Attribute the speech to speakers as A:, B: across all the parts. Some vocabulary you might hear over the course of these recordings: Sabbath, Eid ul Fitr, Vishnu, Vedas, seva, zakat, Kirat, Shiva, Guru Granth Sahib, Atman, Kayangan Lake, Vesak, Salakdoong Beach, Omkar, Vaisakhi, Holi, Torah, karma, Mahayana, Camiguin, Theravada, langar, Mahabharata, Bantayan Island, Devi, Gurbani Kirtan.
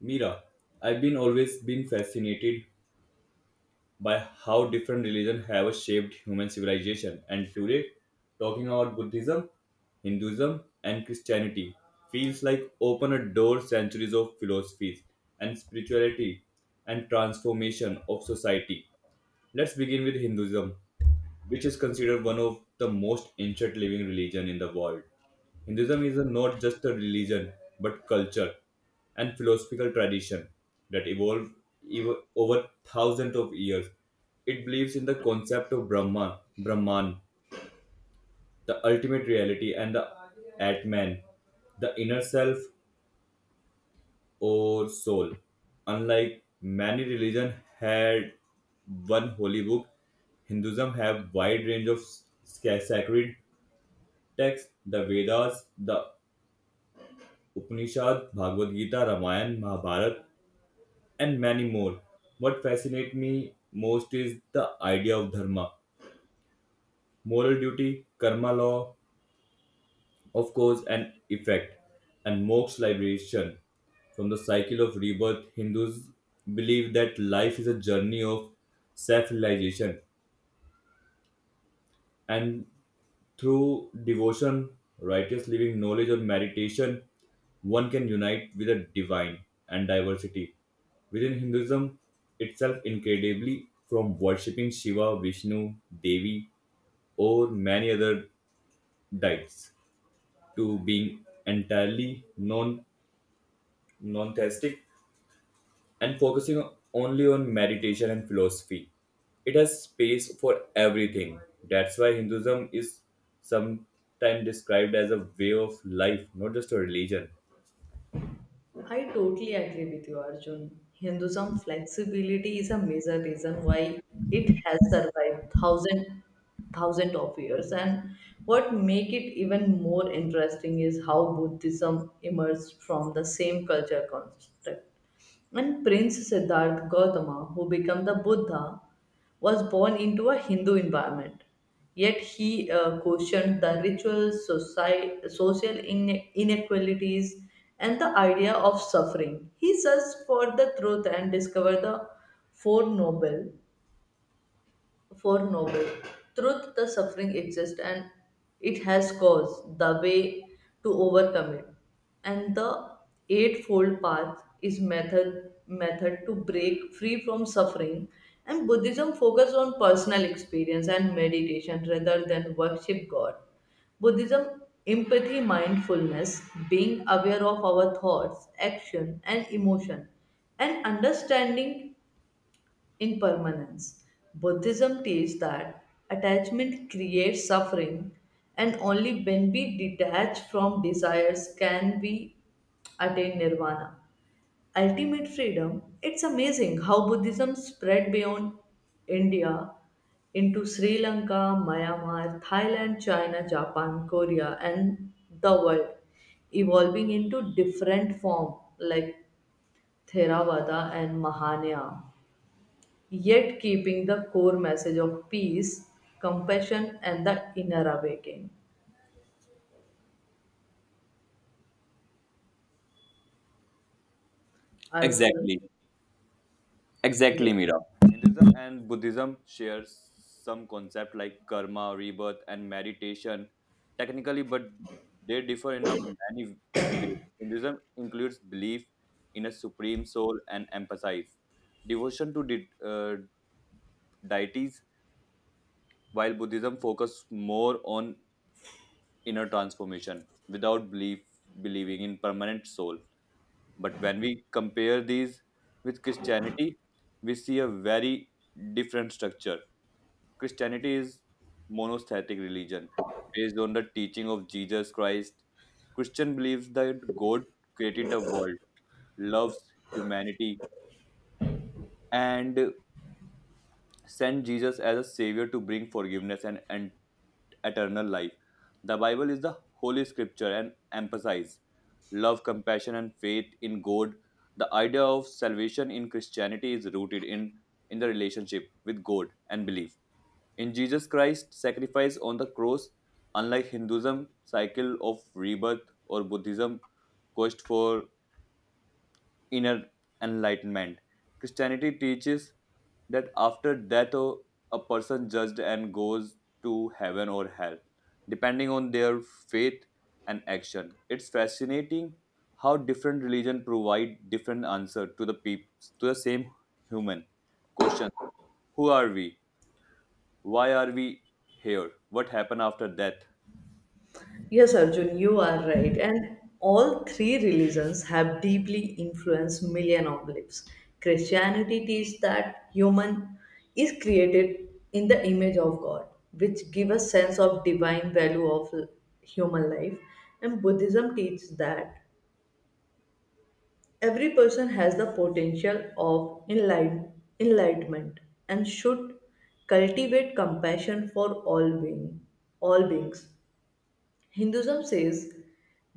A: Mira, I've been always been fascinated by how different religions have shaped human civilization, and today, talking about Buddhism, Hinduism, and Christianity feels like open a door centuries of philosophies and spirituality and transformation of society. Let's begin with Hinduism, which is considered one of the most ancient living religion in the world. Hinduism is not just a religion but culture and philosophical tradition that evolved over thousands of years. It believes in the concept of Brahma, Brahman, the ultimate reality, and the Atman, the inner self or soul. Unlike many religions had one holy book, Hinduism have wide range of sacred texts, the Vedas, the Upanishads, Bhagavad Gita, Ramayana, Mahabharata, and many more. What fascinates me most is the idea of dharma, moral duty, karma law, of cause and effect, and moksha liberation. From the cycle of rebirth, Hindus believe that life is a journey of self realization and through devotion, righteous living, knowledge, or meditation, one can unite with the divine and diversity. Within Hinduism itself, incredibly, from worshipping Shiva, Vishnu, Devi, or many other deities to being entirely non theistic and focusing only on meditation and philosophy. It has space for everything. That's why Hinduism is sometimes described as a way of life, not just a religion.
B: I totally agree with you, Arjun. Hinduism flexibility is a major reason why it has survived thousand of years. And what make it even more interesting is how Buddhism emerged from the same culture construct. And Prince Siddhartha Gautama, who became the Buddha, was born into a Hindu environment. Yet he questioned the rituals, society, social inequalities, and the idea of suffering. He searched for the truth and discovered the Four Noble Truth, the suffering exists and it has cause, the way to overcome it. And the eightfold path is method to break free from suffering. And Buddhism focus on personal experience and meditation rather than worship God. Buddhism empathy mindfulness, being aware of our thoughts, action and emotion and understanding impermanence. Buddhism teaches that attachment creates suffering, and only when we detach from desires can we attain nirvana. Ultimate freedom. It's amazing how Buddhism spread beyond India into Sri Lanka, Myanmar, Thailand, China, Japan, Korea, and the world, evolving into different forms like Theravada and Mahayana yet keeping the core message of peace, compassion, and the inner awakening. Arjun,
A: Exactly,
B: yes.
A: exactly, Mira. Hinduism and Buddhism share some concept like karma, rebirth, and meditation, technically, but they differ in a many ways. Hinduism includes belief in a supreme soul and emphasize devotion to deities while Buddhism focuses more on inner transformation without belief believing in permanent soul. But when we compare these with Christianity, we see a very different structure. Christianity is monotheistic religion based on the teaching of Jesus Christ. Christian believes that God created the world, loves humanity, and sent Jesus as a savior to bring forgiveness and eternal life. The Bible is the holy scripture and emphasizes love, compassion, and faith in God. The idea of salvation in Christianity is rooted in the relationship with God and belief. In Jesus Christ's sacrifice on the cross, unlike Hinduism, cycle of rebirth, or Buddhism, quest for inner enlightenment. Christianity teaches that after death, a person judged and goes to heaven or hell, depending on their faith and action. It's fascinating how different religions provide different answers to to the same human question. Who are we? Why are we here? What happened after death?
B: Yes, Arjun, you are right. And all three religions have deeply influenced million of lives. Christianity teaches that human is created in the image of God, which gives a sense of divine value of human life. And Buddhism teaches that every person has the potential of enlightenment and should cultivate compassion for all beings. Hinduism says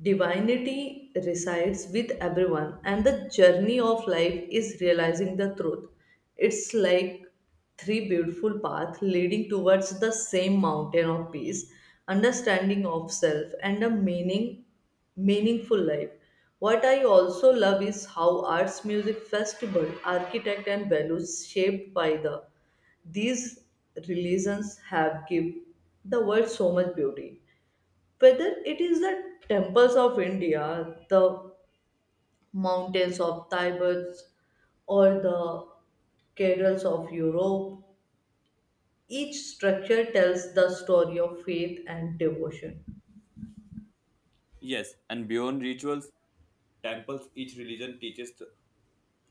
B: divinity resides with everyone, and the journey of life is realizing the truth. It's like three beautiful paths leading towards the same mountain of peace, understanding of self, and a meaningful life. What I also love is how arts, music, festival, architect, and values shaped by these religions have give the world so much beauty whether it is the temples of India, the mountains of Tibet, or the cathedrals of Europe, each structure tells the story of faith and devotion.
A: Yes, and beyond rituals, temples, each religion teaches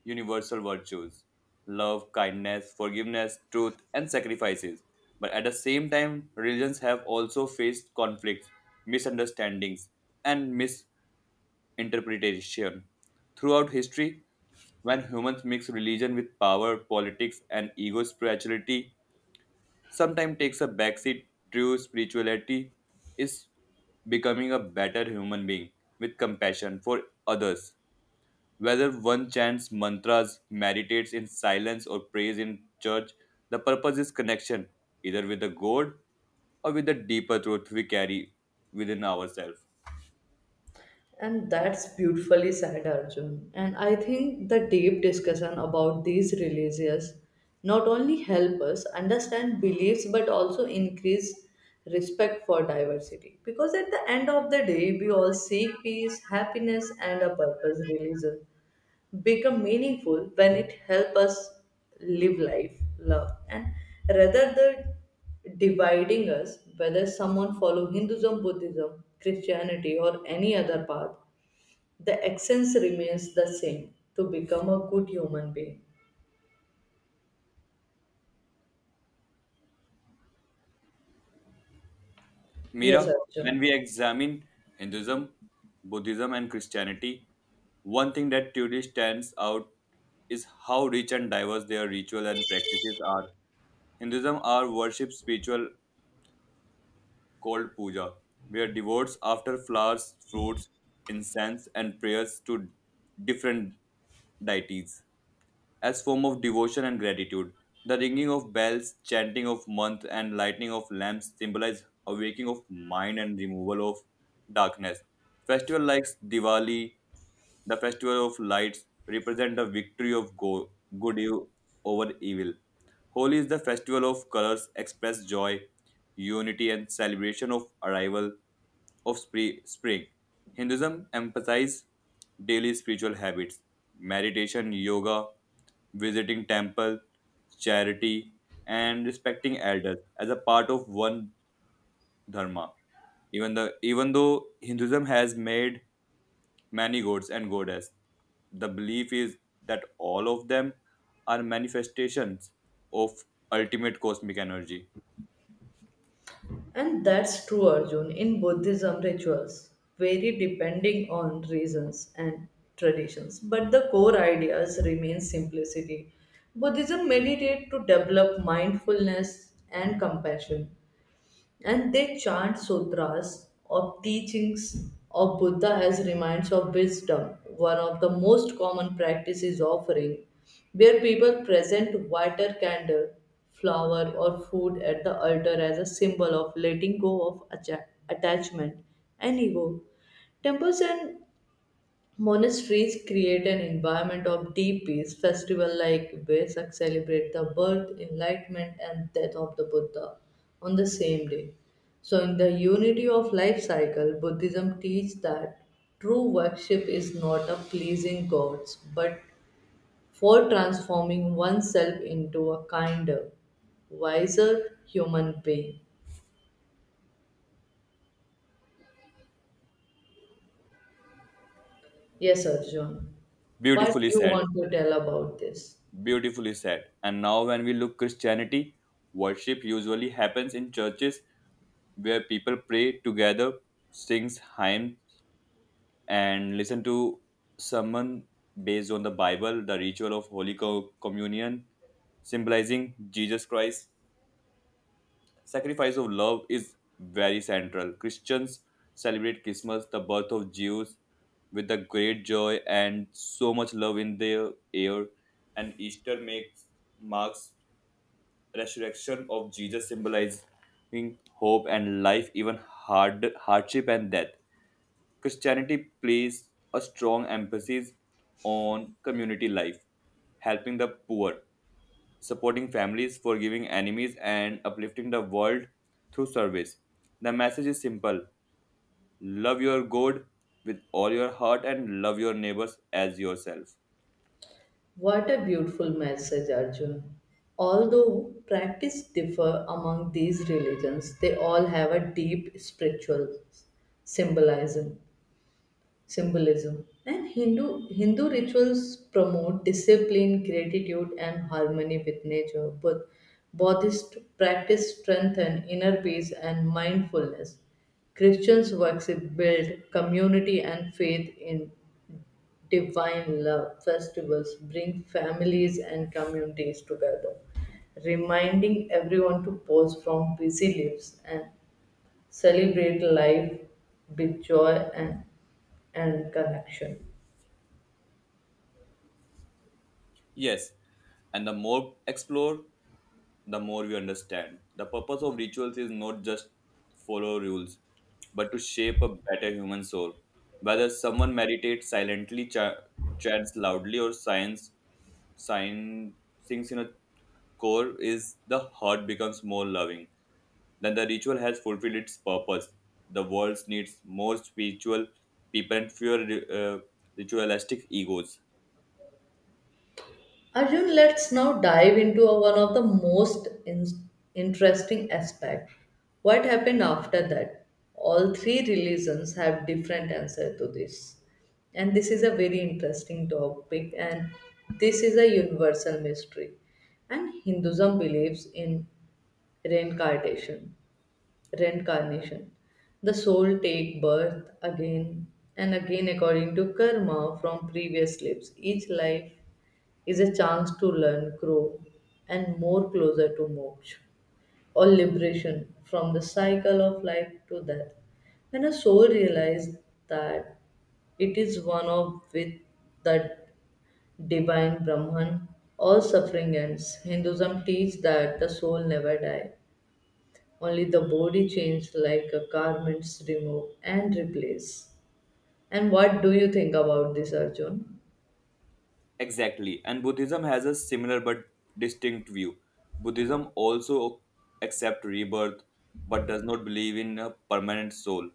A: universal virtues love, kindness, forgiveness, truth, and sacrifices. But at the same time, religions have also faced conflicts, misunderstandings, and misinterpretation. Throughout history, when humans mix religion with power, politics, and ego spirituality, sometimes takes a backseat. True spirituality is becoming a better human being with compassion for others whether one chants mantras, meditates in silence, or prays in church, the purpose is connection, either with the God or with the deeper truth we carry within ourselves.
B: And that's beautifully said, Arjun. And I think the deep discussion about these religions not only help us understand beliefs but also increase respect for diversity. Because at the end of the day, we all seek peace, happiness, and a purpose. Religion become meaningful when it helps us live life, love, and rather than dividing us whether someone follow hinduism buddhism christianity or any other path the essence remains the same to become a good human being. Yes,
A: Mira, when
B: Arjun.
A: we examine Hinduism, Buddhism, and Christianity, one thing that truly stands out is how rich and diverse their ritual and practices are. Hinduism are worship spiritual called puja, where devotees offer flowers, fruits, incense, and prayers to different deities as form of devotion and gratitude. The ringing of bells, chanting of month, and lighting of lamps symbolize awakening of mind and removal of darkness. Festival like Diwali, the festival of lights, represent the victory of good over evil. Holi is the festival of colors, express joy, unity, and celebration of arrival of spring. Hinduism emphasizes daily spiritual habits, meditation, yoga, visiting temple, charity, and respecting elders as a part of one dharma. Even though Hinduism has made many gods and goddess, the belief is that all of them are manifestations of ultimate cosmic energy.
B: And that's true, Arjun, in Buddhism rituals vary depending on reasons and traditions, but the core ideas remain simplicity. Buddhism meditate to develop mindfulness and compassion, and they chant sutras or teachings of Buddha as reminders of wisdom. One of the most common practices is offering, where people present water, candle, flower, or food at the altar as a symbol of letting go of attachment and ego. Temples and monasteries create an environment of deep peace. Festival like Vesak celebrate the birth, enlightenment, and death of the Buddha on the same day. So, in the unity of life cycle, Buddhism teaches that true worship is not a pleasing gods, but for transforming oneself into a kinder, wiser human being. Yes, Arjun. What
A: Beautifully
B: you
A: said.
B: want to tell about this?
A: Beautifully said. And now, when we look Christianity, worship usually happens in churches where people pray together, sings hymns, and listen to sermon based on the Bible, the ritual of Holy Communion, symbolizing Jesus Christ. Sacrifice of love is very central. Christians celebrate Christmas, the birth of Jesus, with a great joy and so much love in their air. And Easter makes marks resurrection of Jesus symbolizing hope and life, even hardship and death. Christianity places a strong emphasis on community life, helping the poor, supporting families, forgiving enemies, and uplifting the world through service. The message is simple love your God with all your heart and love your neighbors as yourself.
B: What a beautiful message, Arjun. Although practice differ among these religions, they all have a deep spiritual symbolism. Symbolism and Hindu rituals promote discipline, gratitude, and harmony with nature. But Buddhist practice strengthen inner peace and mindfulness. Christians worship build community and faith in divine love festivals bring families and communities together, reminding everyone to pause from busy lives and celebrate life with joy and connection.
A: Yes, and the more explore the more we understand. The purpose of rituals is not just follow rules, but to shape a better human soul. Whether someone meditates silently, chants loudly, or sign, sings in a core, is the heart becomes more loving. Then the ritual has fulfilled its purpose. The world needs more spiritual people and fewer uh, ritualistic egos.
B: Arjun, let's now dive into one of the most interesting aspect. What happened after that? All three religions have different answer to this. And this is a very interesting topic and this is a universal mystery. And Hinduism believes in reincarnation, reincarnation. The soul take birth again and again according to karma from previous lives. Each life is a chance to learn, grow, and more closer to moksha or liberation from the cycle of life to death. When a soul realizes that it is one of with that divine Brahman, all suffering ends. Hinduism teaches that the soul never dies, only the body changes like a garments removed and replaced. And what do you think about this, Arjun?
A: Exactly. And Buddhism has a similar but distinct view. Buddhism also accepts rebirth but does not believe in a permanent soul.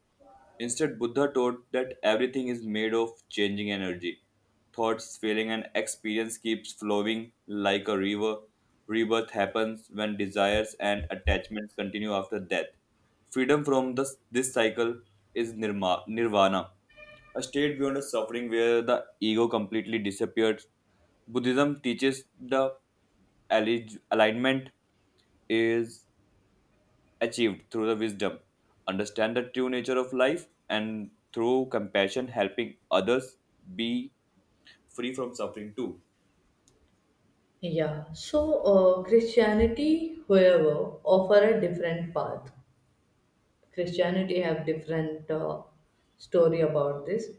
A: Instead, Buddha taught that everything is made of changing energy. Thoughts, feeling, and experience keeps flowing like a river. Rebirth happens when desires and attachments continue after death. Freedom from this cycle is nirvana a state beyond the suffering where the ego completely disappears. Buddhism teaches the alignment is achieved through the wisdom. Understand the true nature of life and through compassion, helping others be free from suffering too.
B: Yeah, so Christianity, however, offer a different path. Christianity have different story about this.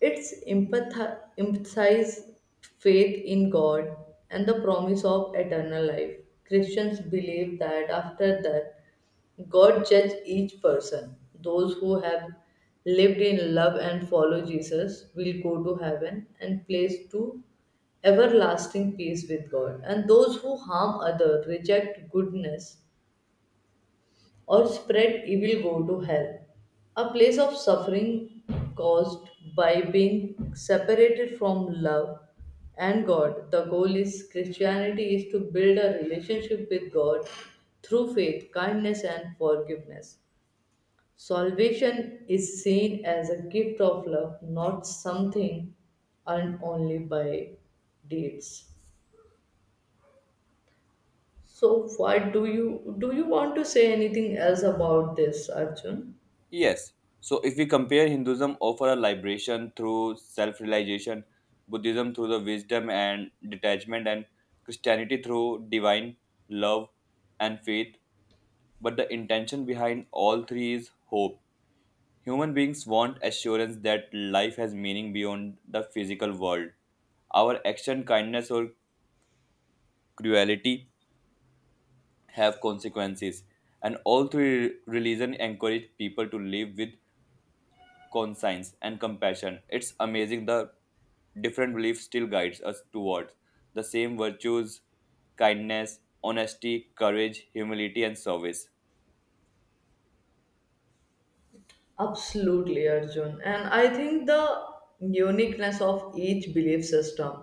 B: It's emphasize faith in God and the promise of eternal life. Christians believe that after death God judge each person. Those who have lived in love and follow Jesus will go to heaven and place to everlasting peace with God. And those who harm others, reject goodness, or spread evil go to hell, a place of suffering caused by being separated from love and God. The goal is Christianity is to build a relationship with God through faith, kindness, and forgiveness. Salvation is seen as a gift of love, not something earned only by deeds. So, what do? You want to say anything else about this, Arjun?
A: Yes. So if we compare Hinduism offer a liberation through self-realization, Buddhism through the wisdom and detachment, and Christianity through divine love and faith, but the intention behind all three is hope. Human beings want assurance that life has meaning beyond the physical world. Our action, kindness, or cruelty have consequences, and all three religions encourage people to live with conscience and compassion. It's amazing the different beliefs still guides us towards the same virtues kindness honesty courage humility and service.
B: Absolutely, Arjun. And I think the uniqueness of each belief system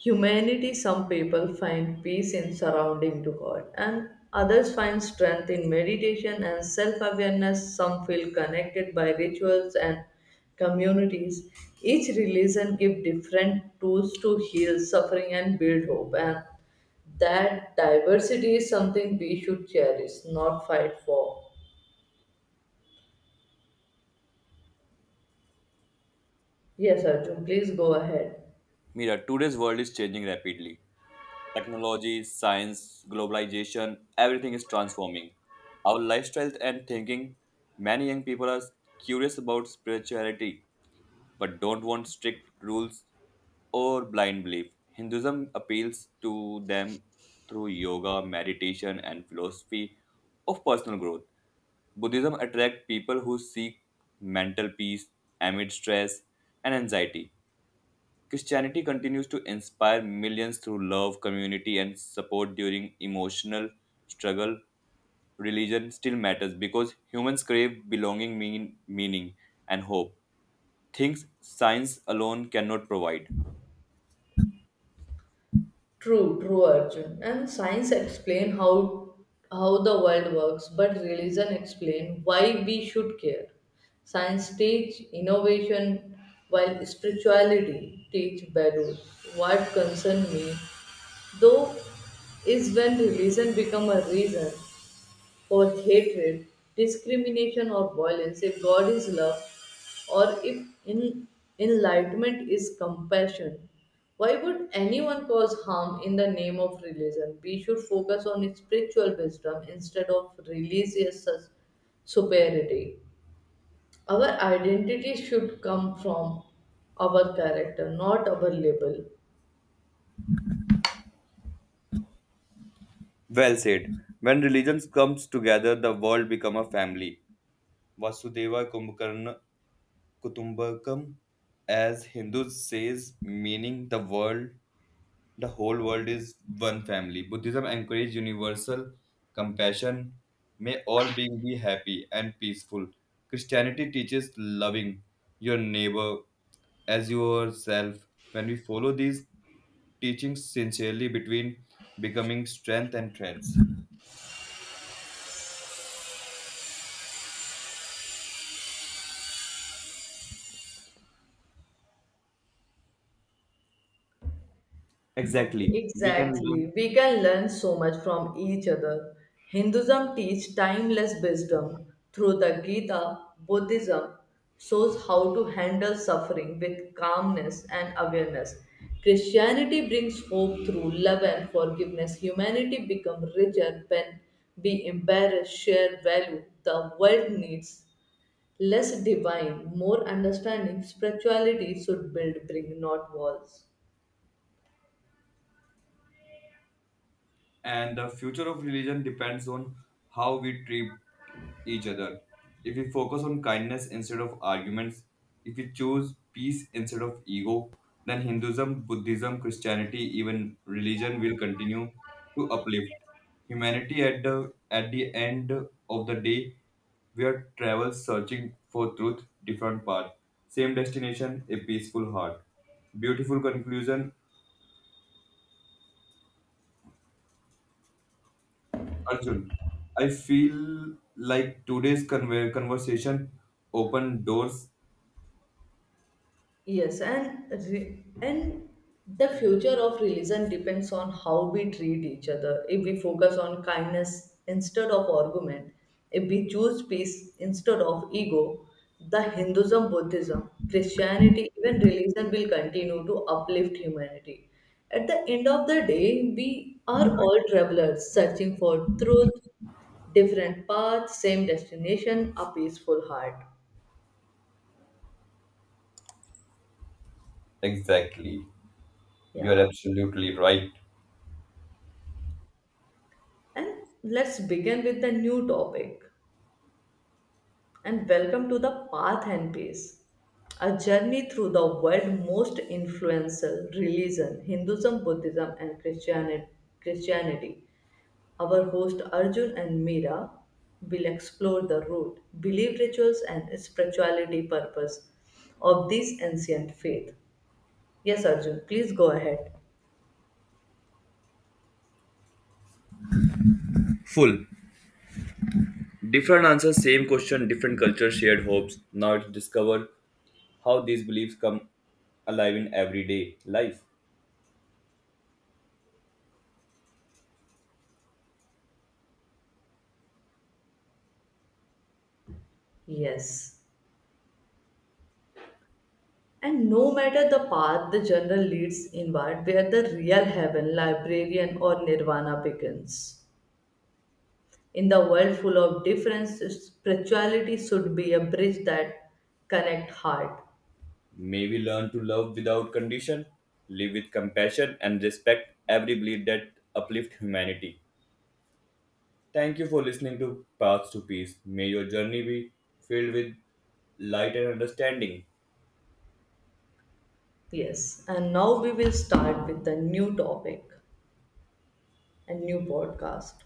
B: humanity, some people find peace in surrounding to God, and others find strength in meditation and self awareness. Some feel connected by rituals and communities. Each religion gives different tools to heal suffering and build hope, and that diversity is something we should cherish, not fight for. Yes, Arjun, please go ahead.
A: Mira, today's world is changing rapidly. Technology, science, globalization, everything is transforming our lifestyles and thinking. Many young people are curious about spirituality but don't want strict rules or blind belief. Hinduism appeals to them through yoga, meditation, and philosophy of personal growth. Buddhism attracts people who seek mental peace amid stress and anxiety. Christianity continues to inspire millions through love, community, and support during emotional struggle. Religion still matters because humans crave belonging, meaning, and hope, things science alone cannot provide.
B: True, true, Arjun. And science explain how the world works, but religion explain why we should care. Science teach innovation, while spirituality teach values. What concern me, though, is when religion become a reason or hatred, discrimination, or violence, if God is love, or if enlightenment is compassion, why would anyone cause harm in the name of religion? We should focus on spiritual wisdom instead of religious superiority. Our identity should come from our character, not our label.
A: Well said. When religions comes together, the world become a family. Vasudeva Kumbhakarna Kutumbakam, as Hindus says, meaning the whole world is one family. Buddhism encourages universal compassion. May all beings be happy and peaceful. Christianity teaches loving your neighbor as yourself. When we follow these teachings sincerely, between becoming strength and threats.
B: Okay,
A: Exactly. We can learn
B: exactly. We can learn so much from each other. Hinduism teaches timeless wisdom through the Gita. Buddhism shows how to handle suffering with calmness and awareness. Christianity brings hope through love and forgiveness. Humanity becomes richer when we embrace shared value. The world needs less divine, more understanding. Spirituality should build, bring, not walls.
A: and the future of religion depends on how we treat each other. If we focus on kindness instead of arguments, if we choose peace instead of ego, then Hinduism, Buddhism, Christianity, even religion will continue to uplift humanity at the end of the day. We are travelers searching for truth, different path, same destination, a peaceful heart. Beautiful conclusion Arjun, I feel like today's conversation opened doors.
B: Yes, and the future of religion depends on how we treat each other. If we focus on kindness instead of argument, if we choose peace instead of ego, the Hinduism, Buddhism, Christianity, even religion will continue to uplift humanity. At the end of the day, we are all travelers searching for truth, different paths, same destination, a peaceful heart.
A: Exactly. You're
B: Yeah.
A: absolutely right.
B: And let's begin with the new topic. And welcome to the Path and Pace, a journey through the world's most influential religion, Hinduism, Buddhism, and Christianity. Our host Arjun and Meera will explore the root, belief rituals, and spirituality purpose of this ancient faith. Yes, Arjun, please go ahead.
A: Full. Different answers, same question, different culture, shared hopes. Now it's discover how these beliefs come alive in everyday life.
B: Yes. And no matter the path the journal leads inward, where the real heaven, librarian, or nirvana begins. In the world full of difference, spirituality should be a bridge that connect heart.
A: May we learn to love without condition, live with compassion, and respect every belief that uplift humanity. Thank you for listening to Paths to Peace. May your journey be filled with light and understanding.
B: Yes, and now we will start with the new topic and new podcast.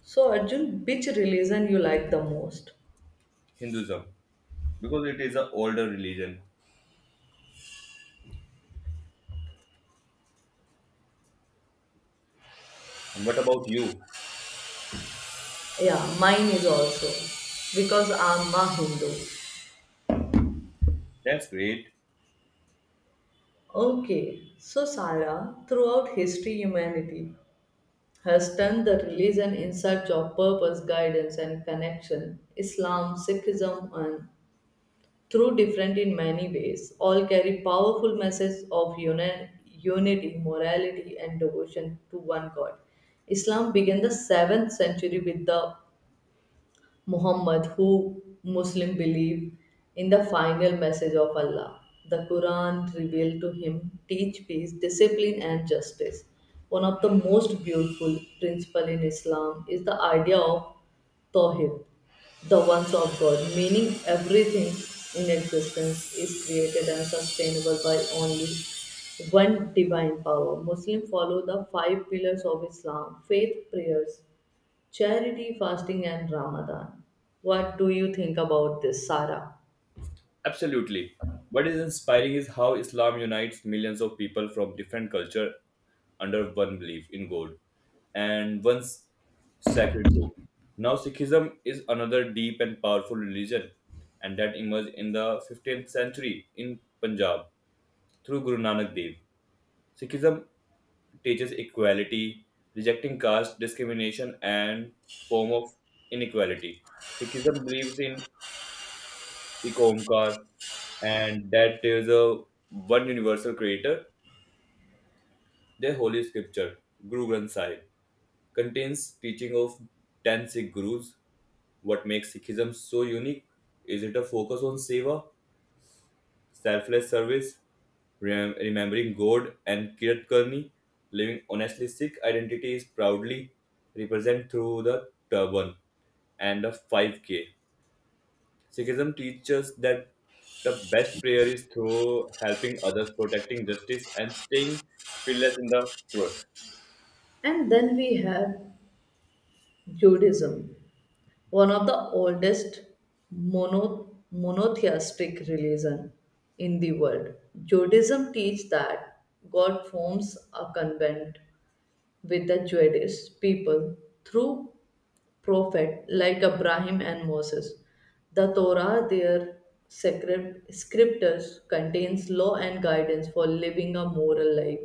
B: So Arjun, which religion you like the most?
A: Hinduism, because it is an older religion. And what about you?
B: Yeah, mine is also because I'm a Hindu.
A: That's great.
B: Okay, so Sarah, throughout history, humanity has turned the religion in search of purpose, guidance, and connection. Islam, Sikhism, and through different in many ways, all carry powerful messages of unity, morality, and devotion to one God. Islam began the 7th century with the Muhammad, who Muslim believe in the final message of Allah. The Quran revealed to him teach peace, discipline, and justice. One of the most beautiful principle in Islam is the idea of Tawhid, the ones of God, meaning everything in existence is created and sustainable by only one divine power. Muslims follow the five pillars of Islam faith, prayers, charity, fasting, and Ramadan. What do you think about this, Sarah?
A: Absolutely. What is inspiring is how Islam unites millions of people from different culture under one belief in God and one sacred book. Now, Sikhism is another deep and powerful religion, and that emerged in the 15th century in Punjab through Guru Nanak Dev. Sikhism teaches equality, rejecting caste discrimination and form of inequality. Sikhism believes in the Omkar and that there is a one universal creator. Their holy scripture, Guru Granth Sahib, contains teaching of 10 Sikh gurus. What makes Sikhism so unique is it a focus on seva selfless service, remembering God and Kirat living honestly Sikh identity is proudly represented through the turban and the 5K. Sikhism teaches that the best prayer is through helping others, protecting justice, and staying fearless in the truth.
B: And then we have Judaism, one of the oldest monotheistic religion in the world. Judaism teaches that God forms a covenant with the Jewish people through prophet like Abraham and Moses. The Torah, their sacred scriptures, contains law and guidance for living a moral life.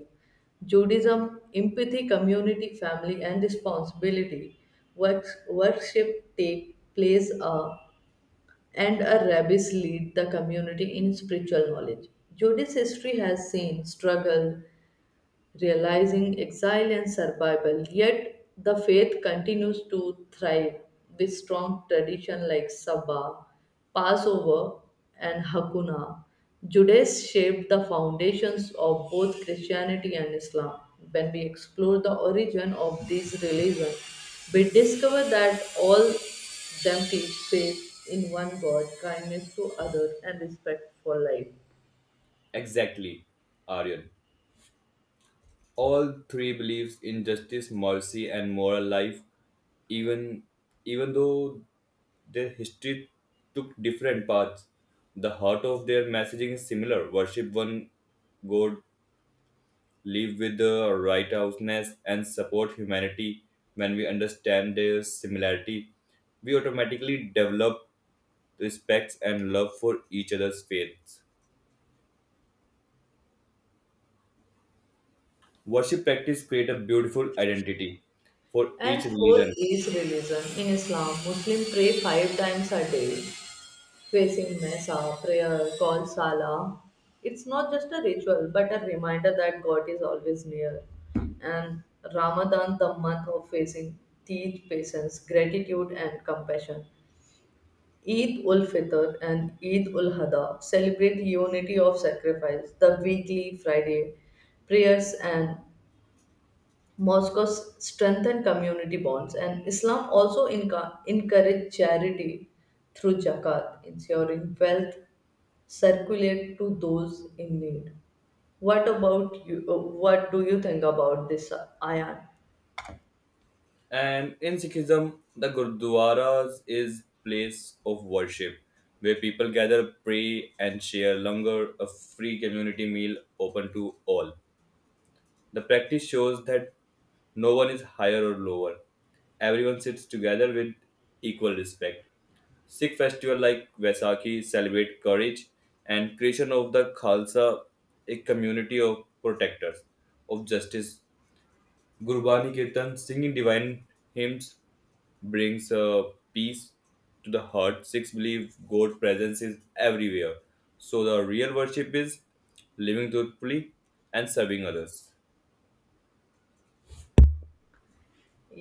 B: Judaism, empathy, community, family, and responsibility. Works, worship take place a, and a rabbis lead the community in spiritual knowledge. Judaism history has seen struggle, realizing exile and survival. Yet the faith continues to thrive with strong tradition like Sabbath, Passover, and Hakuna. Judaism shaped the foundations of both Christianity and Islam. When we explore the origin of these religions, we discover that all them teach faith in one God, kindness to others, and respect for life.
A: Exactly, Aryan. All three believes in justice, mercy, and moral life, even even though their history took different paths. The heart of their messaging is similar: worship one God, live with the righteousness, and support humanity. When we understand their similarity, we automatically develop respect and love for each other's faiths. Worship practice create a beautiful identity for
B: And
A: each
B: four
A: religion.
B: is religion. In Islam, Muslims pray 5 times a day, facing Mesa, prayer, call Salah. It's not just a ritual, but a reminder that God is always near. And Ramadan, the month of facing, teach patience, gratitude, and compassion. Eid ul Fitr and Eid ul Adha celebrate unity of sacrifice. The weekly Friday prayers and Moscow strengthened community bonds, and Islam also encouraged charity through zakat, ensuring wealth circulate to those in need. What about you? What do you think about this, Ayan?
A: And in Sikhism, the Gurdwaras is place of worship where people gather, pray, and share langar, a free community meal open to all. The practice shows that no one is higher or lower. Everyone sits together with equal respect. Sikh festival like Vaisakhi celebrate courage and creation of the Khalsa, a community of protectors of justice. Gurbani Kirtan, singing divine hymns, brings a peace to the heart. Sikhs believe God presence is everywhere. So the real worship is living truthfully and serving others.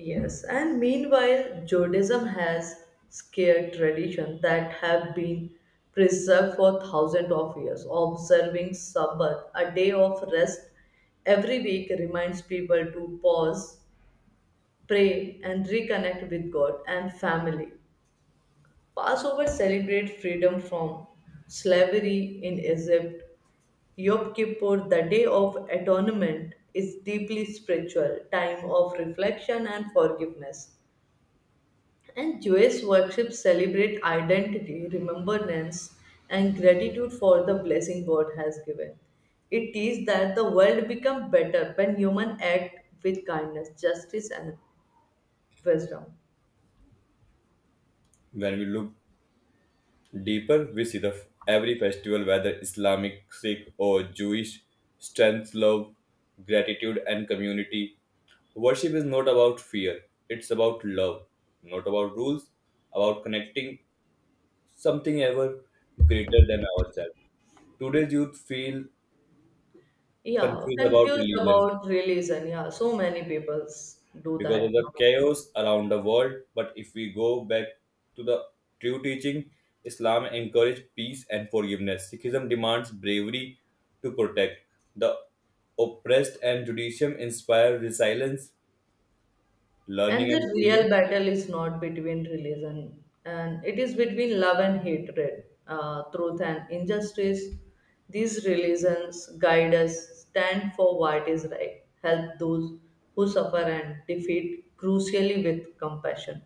B: Yes, and meanwhile, Judaism has scared tradition that have been preserved for thousands of years. Observing Sabbath, a day of rest every week, reminds people to pause pray and reconnect with God and family. Passover celebrate freedom from slavery in Egypt. Yom Kippur, the day of atonement, is deeply spiritual, time of reflection and forgiveness. And Jewish worship celebrate identity, remembrance, and gratitude for the blessing God has given. It is that the world becomes better when humans act with kindness, justice, and wisdom.
A: When we look deeper, we see the every festival, whether Islamic, Sikh, or Jewish, strength, love, gratitude, and community. Worship is not about fear; it's about love, not about rules, about connecting something ever greater than ourselves. Today's youth feel
B: Yeah,
A: confused about
B: confused
A: religion
B: about religion. Yeah, so many people do
A: because of
B: that
A: the
B: now.
A: chaos around the world. But if we go back to the true teaching, Islam encourages peace and forgiveness. Sikhism demands bravery to protect the oppressed, and Judaism inspires resilience,
B: And
A: learning, and
B: the
A: healing.
B: real battle is not between religion, and it is between love and hatred, truth and injustice. These religions guide us, stand for what is right, help those who suffer, and defeat crucially with compassion.